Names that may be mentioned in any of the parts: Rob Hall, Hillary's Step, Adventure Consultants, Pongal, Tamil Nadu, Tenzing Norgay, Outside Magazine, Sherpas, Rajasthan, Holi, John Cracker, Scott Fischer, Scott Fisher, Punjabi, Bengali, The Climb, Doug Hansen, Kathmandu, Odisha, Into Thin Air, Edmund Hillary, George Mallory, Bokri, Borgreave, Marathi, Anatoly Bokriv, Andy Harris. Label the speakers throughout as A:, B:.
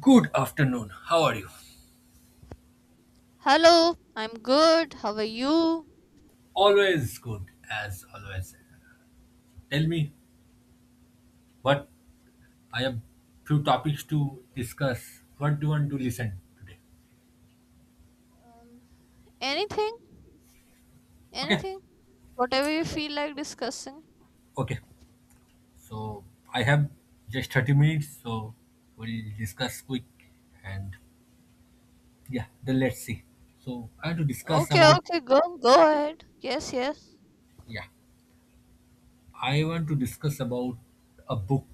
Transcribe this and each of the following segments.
A: Good afternoon. How are you?
B: Hello, I'm good. How are you?
A: Always good, as always. Tell me what I have few topics to discuss. What do you want to listen today?
B: Um, Anything?
A: Okay.
B: Anything? Whatever you feel like discussing.
A: Okay. So I have just 30 minutes, so we'll discuss quick and yeah, then let's see. So I want to discuss
B: Okay,
A: about
B: okay, go ahead. Yes, yes.
A: yeah, I want to discuss about a book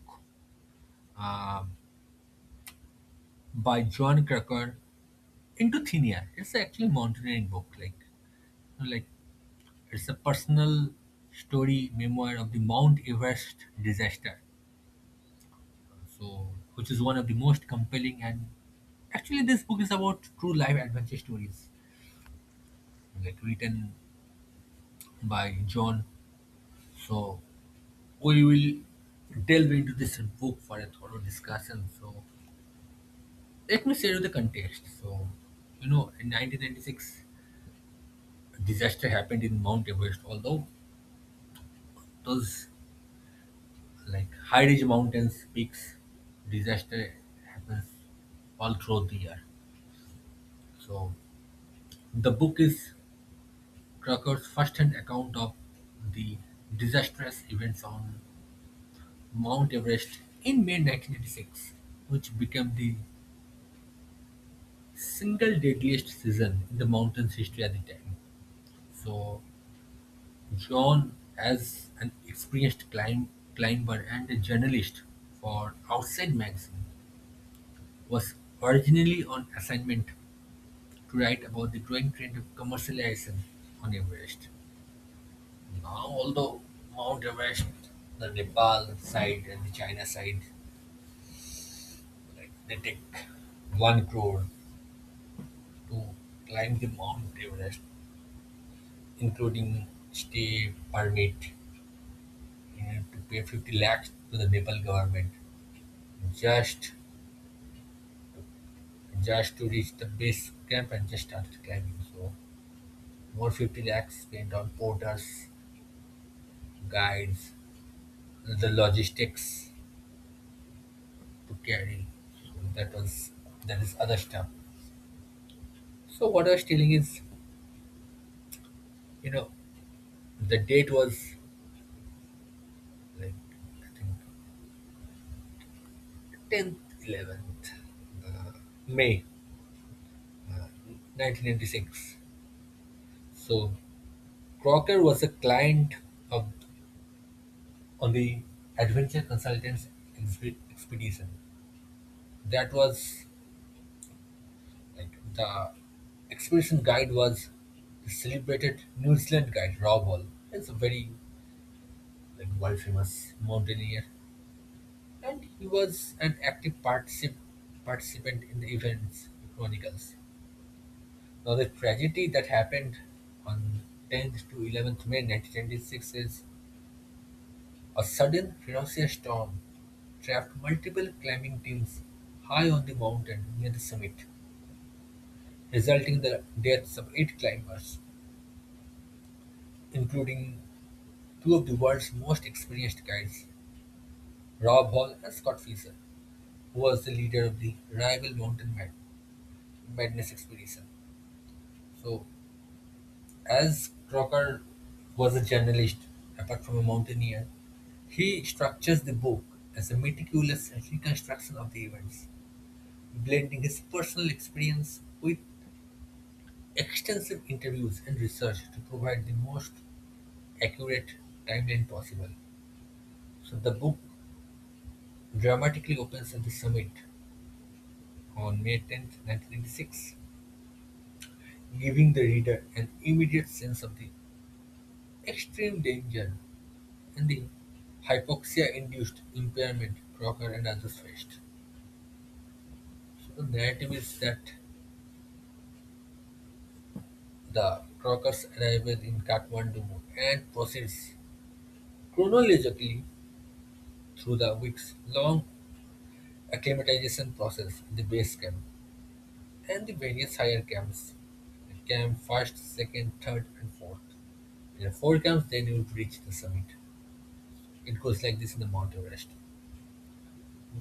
A: um by John Cracker, Into Thin Air. It's actually a mountaineering book, like it's a personal story memoir of the Mount Everest disaster, so which is one of the most compelling, and actually this book is about true life adventure stories, like written by John. So we will delve into this book for a thorough discussion. So let me share you the context. So you know, in 1996, a disaster happened in Mount Everest. Although those like high ridge mountains, peaks, disaster happens all throughout the year. So the book is Trucker's first-hand account of the disastrous events on Mount Everest in May 1986, which became the single deadliest season in the mountain's history at the time. So John, as an experienced climber and a journalist for Outside Magazine, was originally on assignment to write about the growing trend of commercialization on Everest. Now, although Mount Everest, the Nepal side and the China side, like they take one crore to climb the Mount Everest, including stay permit, and to pay 50 lakhs to the Nepal government just just to reach the base camp and just start climbing. So more 50 lakhs spent on porters, guides, the logistics to carry. So that was that is other stuff. So what I was telling is, you know, the date was like I think tenth, 11th uh, May, uh, 1996. So Crocker was a client of on the Adventure Consultants Expedition. That was like the expedition guide was the celebrated New Zealand guide Rob Hall. It's a very like world famous mountaineer. And he was an active participant in the events chronicles. Now, the tragedy that happened on 10th to 11th May 1926 is a sudden ferocious storm trapped multiple climbing teams high on the mountain near the summit, resulting in the deaths of eight climbers, including two of the world's most experienced guides, Rob Hall and Scott Fisher, who was the leader of the rival mountain madness expedition. So as Crocker was a journalist, apart from a mountaineer, he structures the book as a meticulous reconstruction of the events, blending his personal experience with extensive interviews and research to provide the most accurate timeline possible. So the book dramatically opens at the summit on May 10th, 1996, giving the reader an immediate sense of the extreme danger and the hypoxia-induced impairment Croker and others faced. So the narrative is that the Crokers arrived in Kathmandu and proceeds chronologically through the weeks-long acclimatization process in the base camp and the various higher camps, like camp first, second, third, and fourth. There are four camps, then you would reach the summit. It goes like this in the Mount Everest.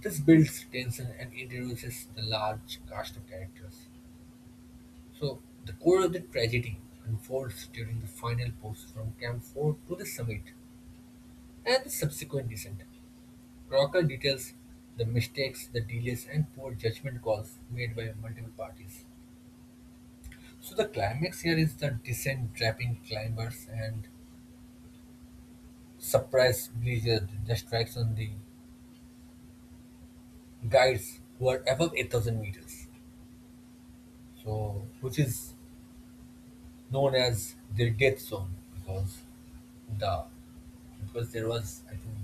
A: This builds tension and introduces the large cast of characters. So the core of the tragedy unfolds during the final push from Camp 4 to the summit and the subsequent descent. Crocker details the mistakes, the delays, and poor judgment calls made by multiple parties. So the climax here is the descent trapping climbers and surprise blizzard that strikes on the guides who are above 8,000 meters. So which is known as their death zone because the because there was I think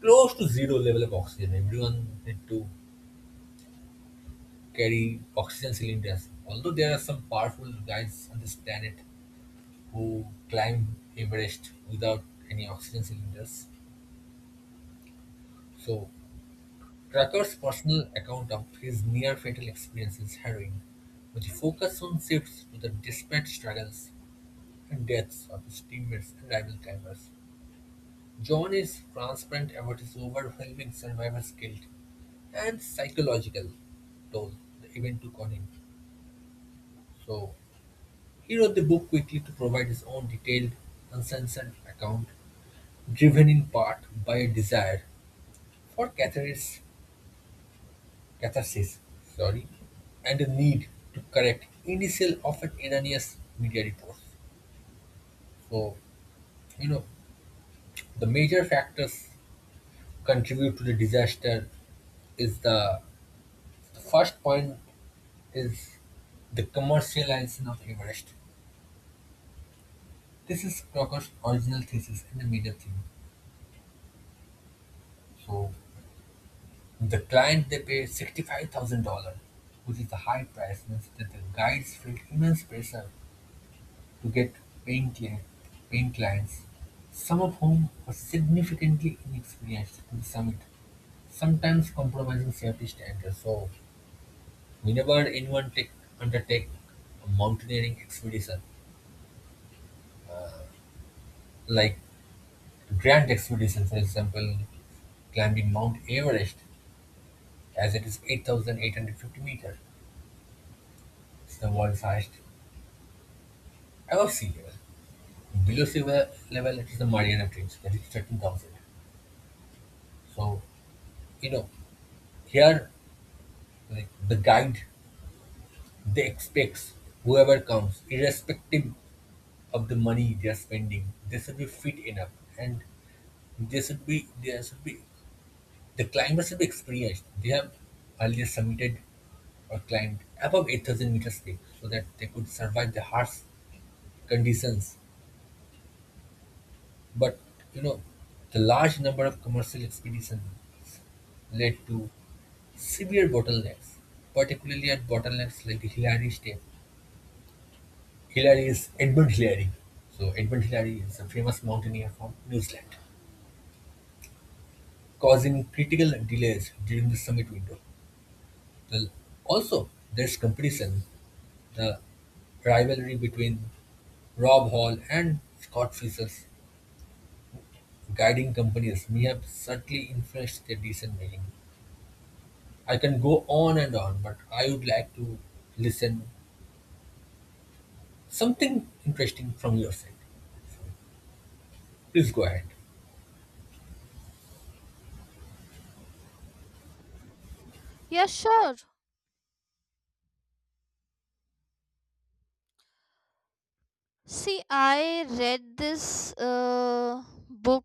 A: close to zero level of oxygen. Everyone had to carry oxygen cylinders. Although there are some powerful guys on this planet who climb Everest without any oxygen cylinders. So Trucker's personal account of his near fatal experience is harrowing, with the focus on shifts to the desperate struggles and deaths of his teammates and rival climbers. John is transparent about his overwhelming survivor's guilt and psychological toll the event took on him. So he wrote the book quickly to provide his own detailed, uncensored account, driven in part by a desire for catharsis, sorry, and a need to correct initial, often erroneous media reports. So, you know, the major factors contribute to the disaster is the first point is the commercialization of Everest. This is Crocker's original thesis and the major theme. So the client they pay $65,000, which is a high price means that the guides feel immense pressure to get paying cli- paying clients, some of whom were significantly inexperienced to the summit, sometimes compromising safety standards. So whenever anyone take undertake a mountaineering expedition like grand expedition, for example, climbing Mount Everest as it is 8,850 meters. It's the world's highest ever seen. Below sea level it is the Mariana Trench that is 13,000. So, you know, here like the guide they expects whoever comes, irrespective of the money they are spending, they should be fit enough and they should be the climber should be experienced. They have earlier submitted or climbed above 8,000 meters peak so that they could survive the harsh conditions. But you know, the large number of commercial expeditions led to severe bottlenecks, particularly at bottlenecks like Hillary's Step. Hillary is Edmund Hillary. So Edmund Hillary is a famous mountaineer from New Zealand, causing critical delays during the summit window. The- Also, there's competition, the rivalry between Rob Hall and Scott Fisher's guiding companies may have subtly influenced their decision making. I can go on and on, but I would like to listen something interesting from your side. Please go ahead.
B: Yeah, sure. See, I read this book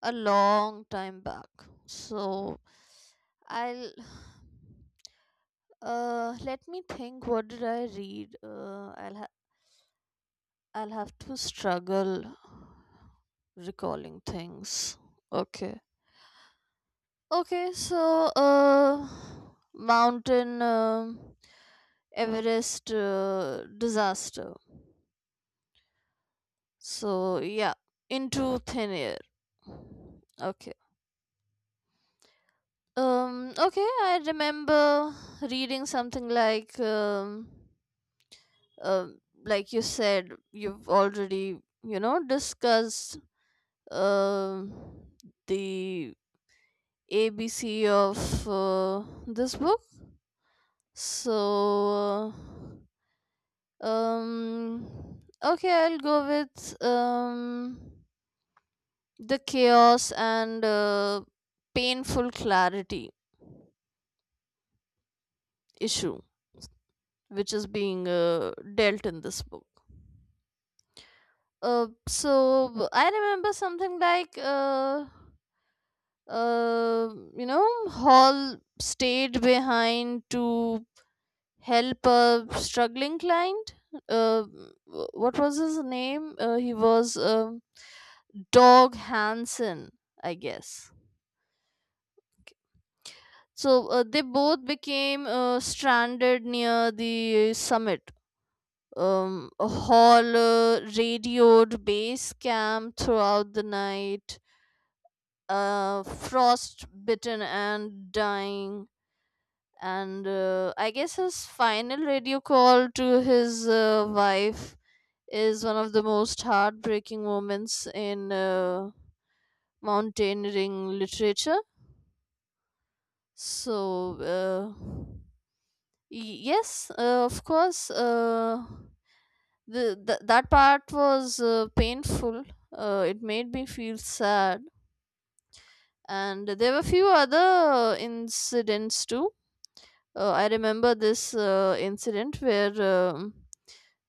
B: a long time back. So, I'll let me think, what did I read? I'll have to struggle recalling things. Okay. Okay, so mountain Everest disaster. So yeah, into thin air. Okay. Okay, I remember reading something um, like you said, you've already discussed um the ABC of this book. So. Uh, Um, okay, I'll go with the chaos and painful clarity issue, which is being dealt in this book. So I remember something like uh, Hall stayed behind to help a struggling client. Uh, what was his name? He was Dog Hansen, I guess, like, so they both became stranded near the summit. Hall radioed base camp throughout the night, frost bitten and dying. And I guess his final radio call to his wife is one of the most heartbreaking moments in mountaineering literature. So. Uh, yes, of course, the that part was painful. It made me feel sad, and there were few other incidents too. I remember this incident where um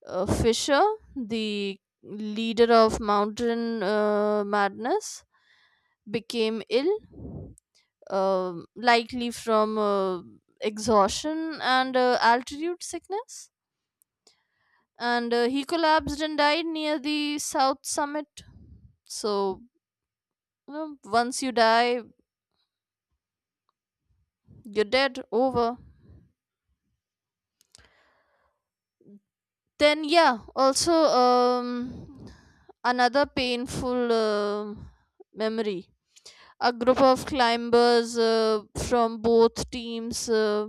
B: uh, Fisher, the leader of Mountain Madness, became ill, likely from exhaustion and altitude sickness, and he collapsed and died near the south summit. So, once you die, you're dead over. Then, yeah, also another painful memory. A group of climbers from both teams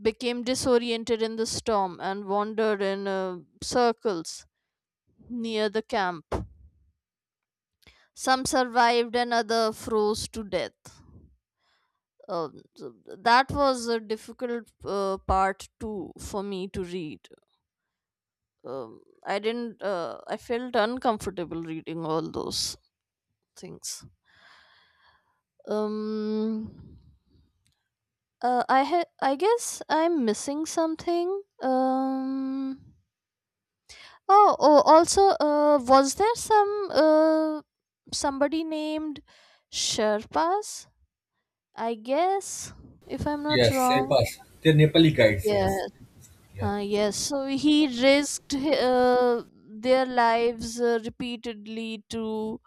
B: became disoriented in the storm and wandered in circles near the camp. Some survived and other froze to death. uh, th- that was a difficult part too for me to read. I didn't. I felt uncomfortable reading all those things. Um, I guess I'm missing something. Oh, oh. Also, was there somebody named Sherpas? I guess, if I'm not
A: Yes,
B: wrong.
A: Sherpas. They're Nepali guides,
B: Yeah.
A: yes. Yeah.
B: Yes, so he risked their lives repeatedly to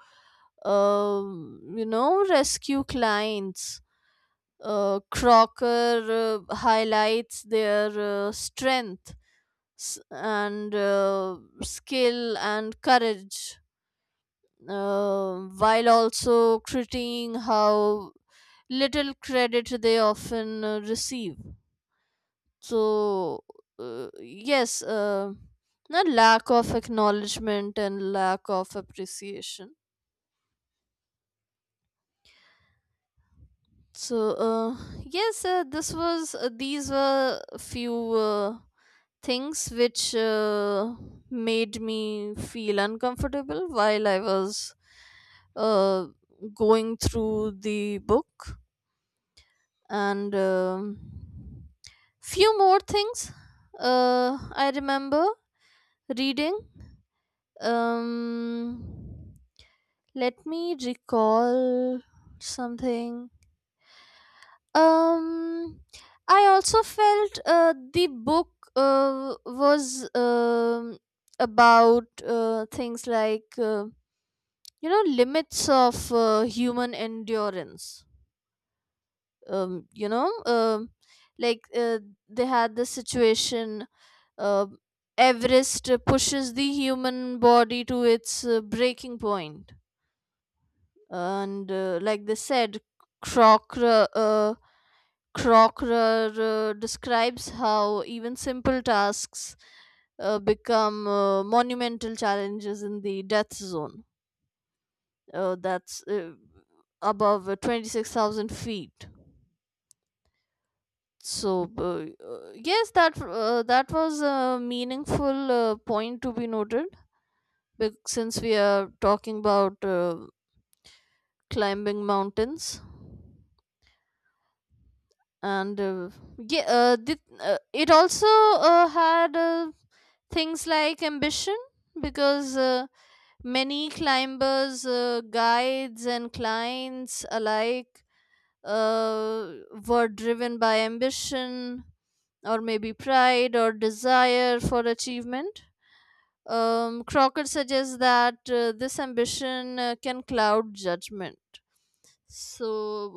B: rescue clients. Crocker highlights their strength and skill and courage, while also critiquing how little credit they often receive. So, yes, a lack of acknowledgement and lack of appreciation. So, yes, this was these were a few things which made me feel uncomfortable while I was uh, going through the book, and few more things uh, I remember reading. Um, Let me recall something. Um, I also felt the book was about things like limits of human endurance. Um, you know, um like, they had this situation. uh, Everest pushes the human body to its breaking point. And like they said, crocker uh, Crocker describes how even simple tasks become monumental challenges in the death zone, that's above 26,000 feet. So yes, that was a meaningful point to be noted, since we are talking about climbing mountains. And yeah, it also had things like ambition, because many climbers, guides, and clients alike uh, were driven by ambition, or maybe pride, or desire for achievement. Crockett suggests that this ambition can cloud judgment. So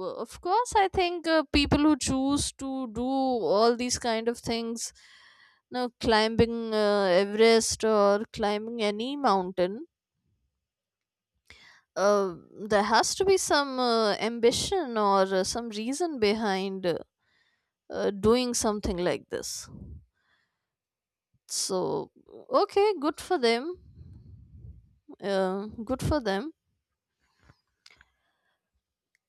B: of course I think people who choose to do all these kind of things, climbing Everest or climbing any mountain, uh, there has to be some ambition or some reason behind doing something like this. So, okay, good for them, good for them.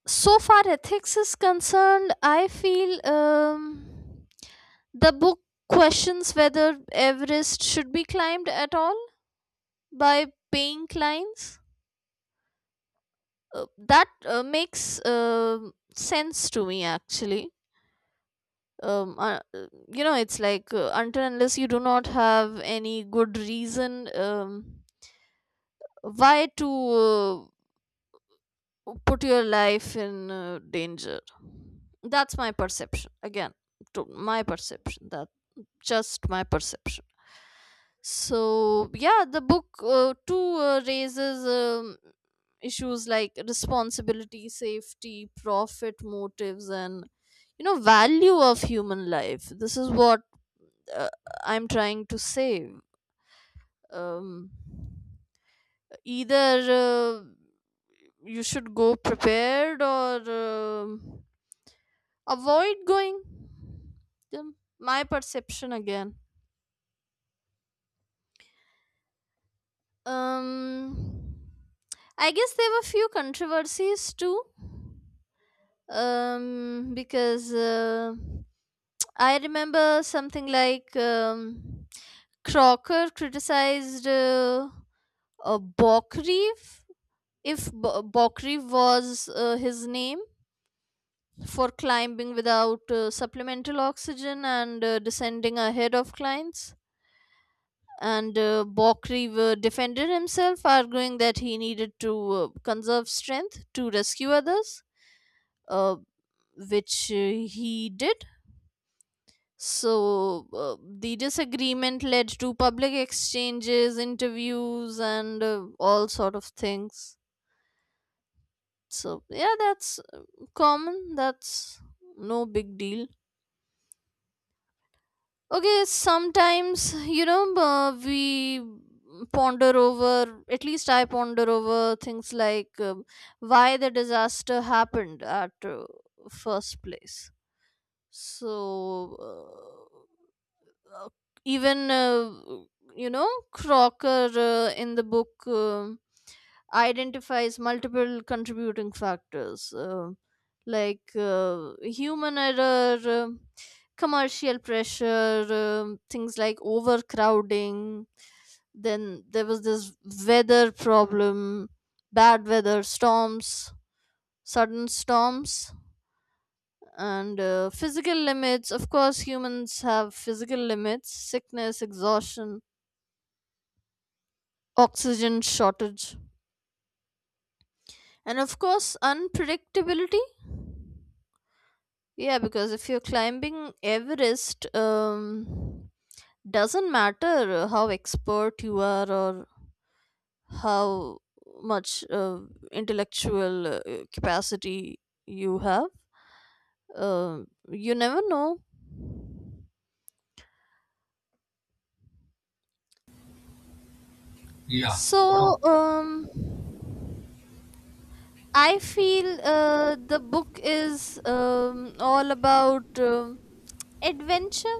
B: So far ethics is concerned, I feel the book questions whether Everest should be climbed at all by paying clients. That makes uh, sense to me, actually. um, uh, uh, it's like, until unless you do not have any good reason, um, why to uh, put your life in danger. That's my perception again, to my perception that, just my perception. So yeah, the book too raises issues like responsibility, safety, profit motives, and value of human life. This is what uh, I'm trying to say. um, Either uh, you should go prepared, or avoid going. Then, my perception again. um I guess there were few controversies too, because I remember something like Crocker criticized Borgreave, if Borgreave was his name, for climbing without supplemental oxygen and descending ahead of clients, and Bokri defended himself, arguing that he needed to conserve strength to rescue others, uh, which he did. So uh, the disagreement led to public exchanges, interviews, and all sort of things. So yeah, that's uh, common. That's no big deal. Okay, sometimes, we ponder over, at least I ponder over things like why the disaster happened at first place. So, uh, even, Crocker in the book identifies multiple contributing factors like human error, commercial pressure, things like overcrowding. Then there was this weather problem, bad weather, storms, sudden storms. And physical limits, of course, humans have physical limits, sickness, exhaustion, oxygen shortage, and of course, unpredictability. Yeah, because if you're climbing Everest, doesn't matter how expert you are, or how much intellectual capacity you have. You never know.
A: Yeah. No.
B: So, I feel the book is all about adventure.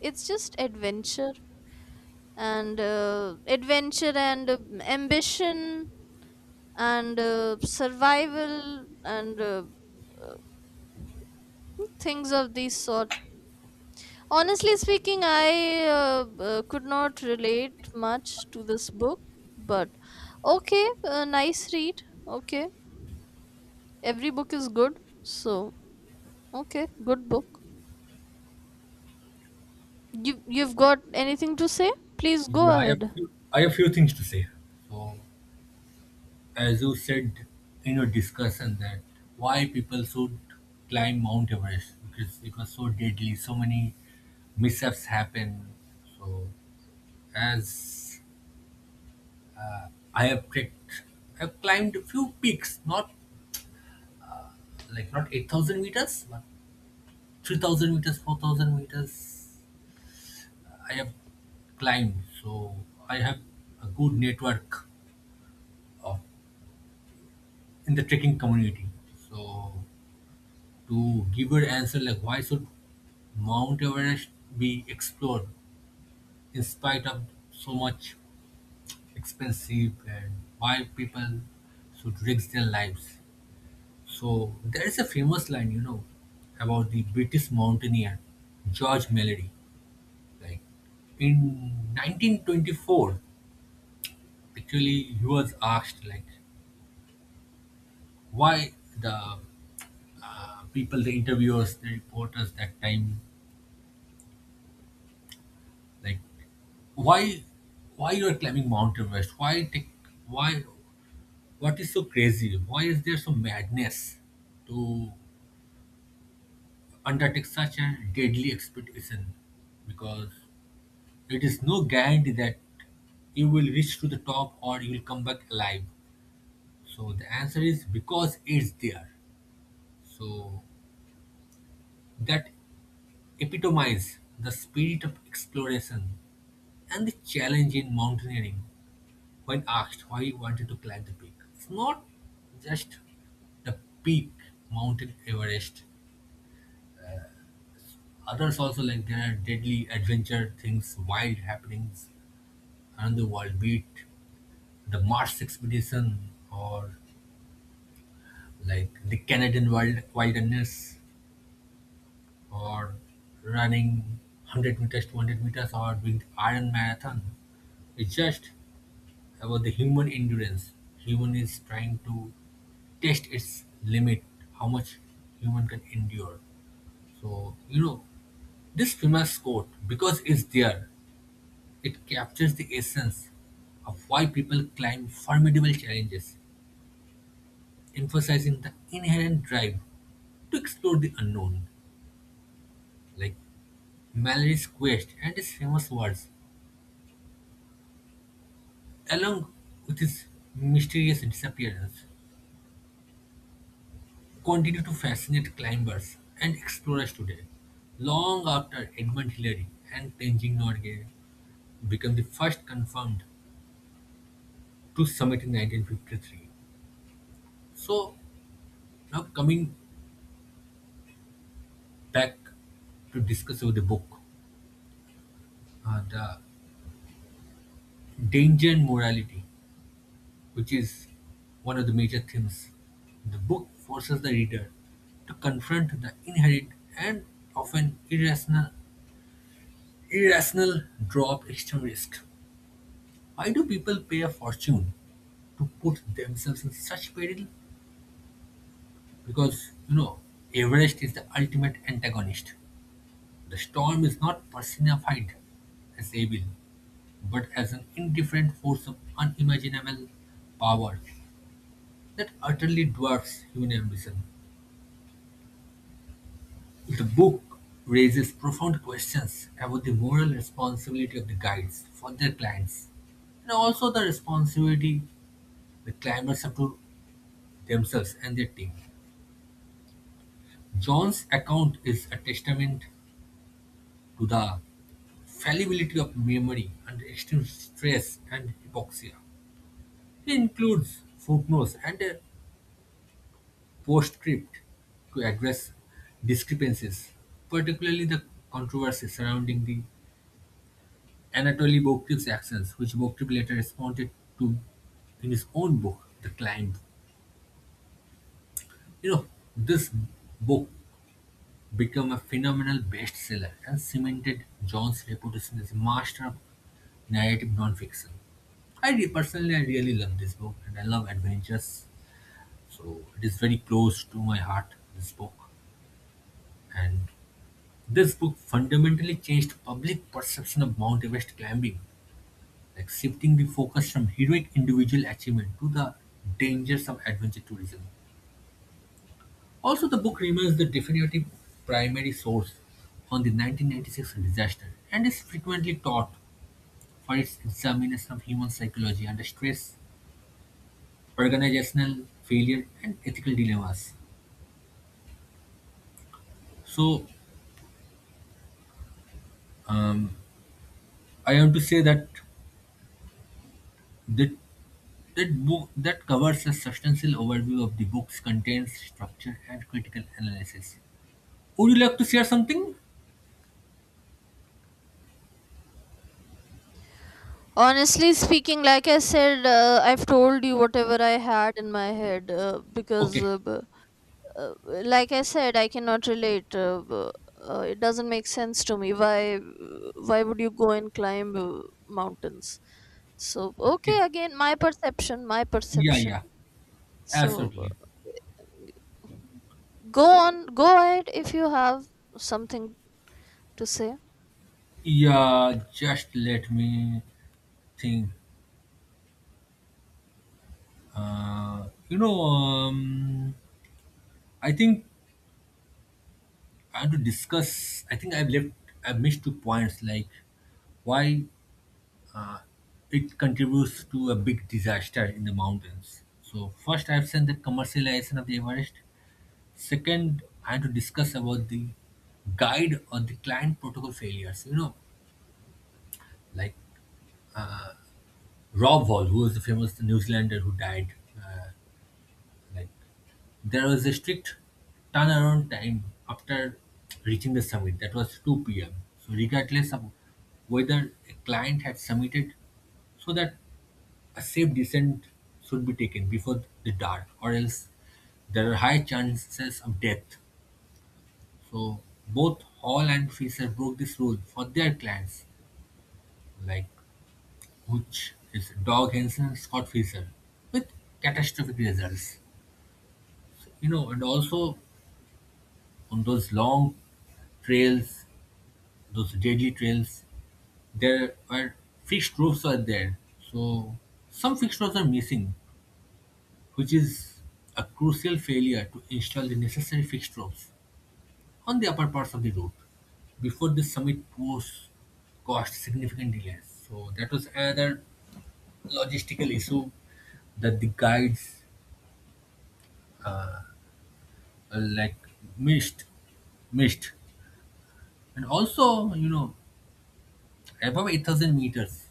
B: It's just adventure and adventure and ambition and survival, and uh, things of this sort. Honestly speaking, I could not relate much to this book, but okay, nice read. Okay, every book is good. So, okay, good book. You've got anything to say, please go
A: Yeah, I have
B: ahead.
A: few I have few things to say. So as you said in your discussion that why people should climb Mount Everest because it was so deadly, so many mishaps happen. So as I have trekked I've climbed a few peaks, not 8,000 meters, but 3,000 meters, 4,000 meters I have climbed. So I have a good network of, in the trekking community. So to give your answer like why should Mount Everest be explored in spite of so much expensive and why people should risk their lives. So there is a famous line, you know, about the British mountaineer George Mallory. Like in 1924, actually, he was asked like why the people, the interviewers, the reporters that time, like why why you are climbing Mount Everest? Why what is so crazy? Why is there so madness to undertake such a deadly expedition? Because it is no guarantee that you will reach to the top or you will come back alive. So the answer is because it's there. So that epitomize the spirit of exploration and the challenge in mountaineering when asked why he wanted to climb the peak. It's not just the peak mountain Everest. Others also like there are deadly adventure things, wild happenings around the world, be it the Mars expedition or like the Canadian wild wilderness or running 100 meters, 200 meters or doing the Iron Marathon. It's just about the human endurance. Human is trying to test its limit, how much human can endure. So you know, this famous quote, because it's there, it captures the essence of why people climb formidable challenges, emphasizing the inherent drive to explore the unknown. Like Mallory's quest and his famous words, along with his mysterious disappearance continue to fascinate climbers and explorers today, long after Edmund Hillary and Tenzing Norgay became the first confirmed to summit in 1953. So, now coming back to discuss about the book, the danger and morality, which is one of the major themes. The book forces the reader to confront the inherent and often irrational draw of extreme risk. Why do people pay a fortune to put themselves in such peril? Because, you know, Everest is the ultimate antagonist. The storm is not personified as evil, but as an indifferent force of unimaginable power that utterly dwarfs human ambition. The book raises profound questions about the moral responsibility of the guides for their clients and also the responsibility the climbers have to themselves and their team. John's account is a testament to the fallibility of memory under extreme stress and hypoxia. He includes footnotes and a postscript to address discrepancies, particularly the controversy surrounding the Anatoly Bokriv's actions, which Bokriv later responded to in his own book, The Climb. You know, this book became a phenomenal bestseller and cemented John's reputation as a master of narrative nonfiction. Personally, I really love this book, and I love adventures, so it is very close to my heart. This book, and this book fundamentally changed public perception of Mount Everest climbing, like shifting the focus from heroic individual achievement to the dangers of adventure tourism. Also, the book remains the definitive primary source on the 1996 disaster and is frequently taught for its examination of human psychology under stress, organizational failure, and ethical dilemmas. So, um, I have to say that that, that book that covers a substantial overview of the book's contents, structure, and critical analysis. Would you like to share something?
B: Honestly speaking, like I said, I've told you whatever I had in my head,
A: Okay,
B: like I said, I cannot relate. It doesn't make sense to me. Why, would you go and climb mountains? So
A: okay,
B: okay, again, my perception, my
A: yeah,
B: perception.
A: yeah,
B: So
A: absolutely.
B: go on, go ahead if you have something to say.
A: Yeah, just let me think. You know, I think I have to discuss. I think I've left. I've missed two points, like why uh, it contributes to a big disaster in the mountains. So first, I've seen the commercialization of the Everest. Second, I had to discuss about the guide or the client protocol failures. You know, like Rob Wall, who was the famous New Zealander who died, like there was a strict turnaround time after reaching the summit, that was 2 pm. So, regardless of whether a client had submitted, so that a safe descent should be taken before the dark, or else there are high chances of death. So, both Hall and Fisher broke this rule for their clients, like which is Dog Henson and Scott Fisher, with catastrophic results. You know, and also on those long trails, those deadly trails, there were fixed routes were there. So some fixed routes are missing, which is a crucial failure to install the necessary fixed routes on the upper parts of the route before the summit was caused significant delays. So that was another logistical issue that the guides like missed missed. And also, you know, above 8,000 meters,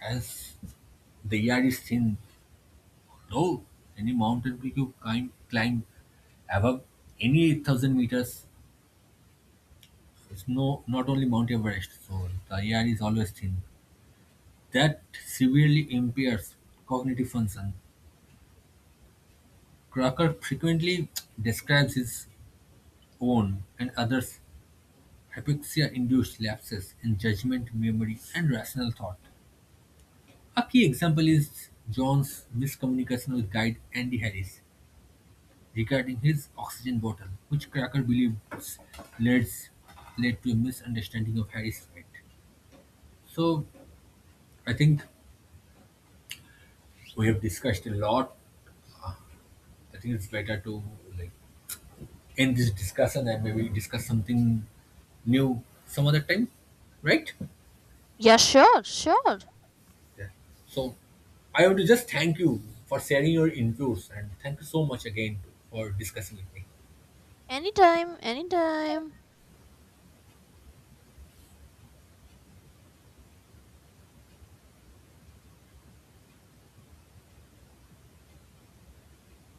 A: as the air is thin, no any mountain peak you climb above any 8,000 meters is no, not only Mount Everest, so the air is always thin. That severely impairs cognitive function. Crocker frequently describes his own and others' hypoxia induced lapses in judgment, memory, and rational thought. A key example is John's miscommunication with guide Andy Harris regarding his oxygen bottle, which Cracker believes Leeds led to a misunderstanding of Harry's fate. So I think we have discussed a lot. I think it's better to like end this discussion and maybe discuss something new some other time, right?
B: Yeah, sure, sure.
A: Yeah. So I want to just thank you for sharing your inputs and thank you so much again for discussing with me.
B: Anytime, anytime.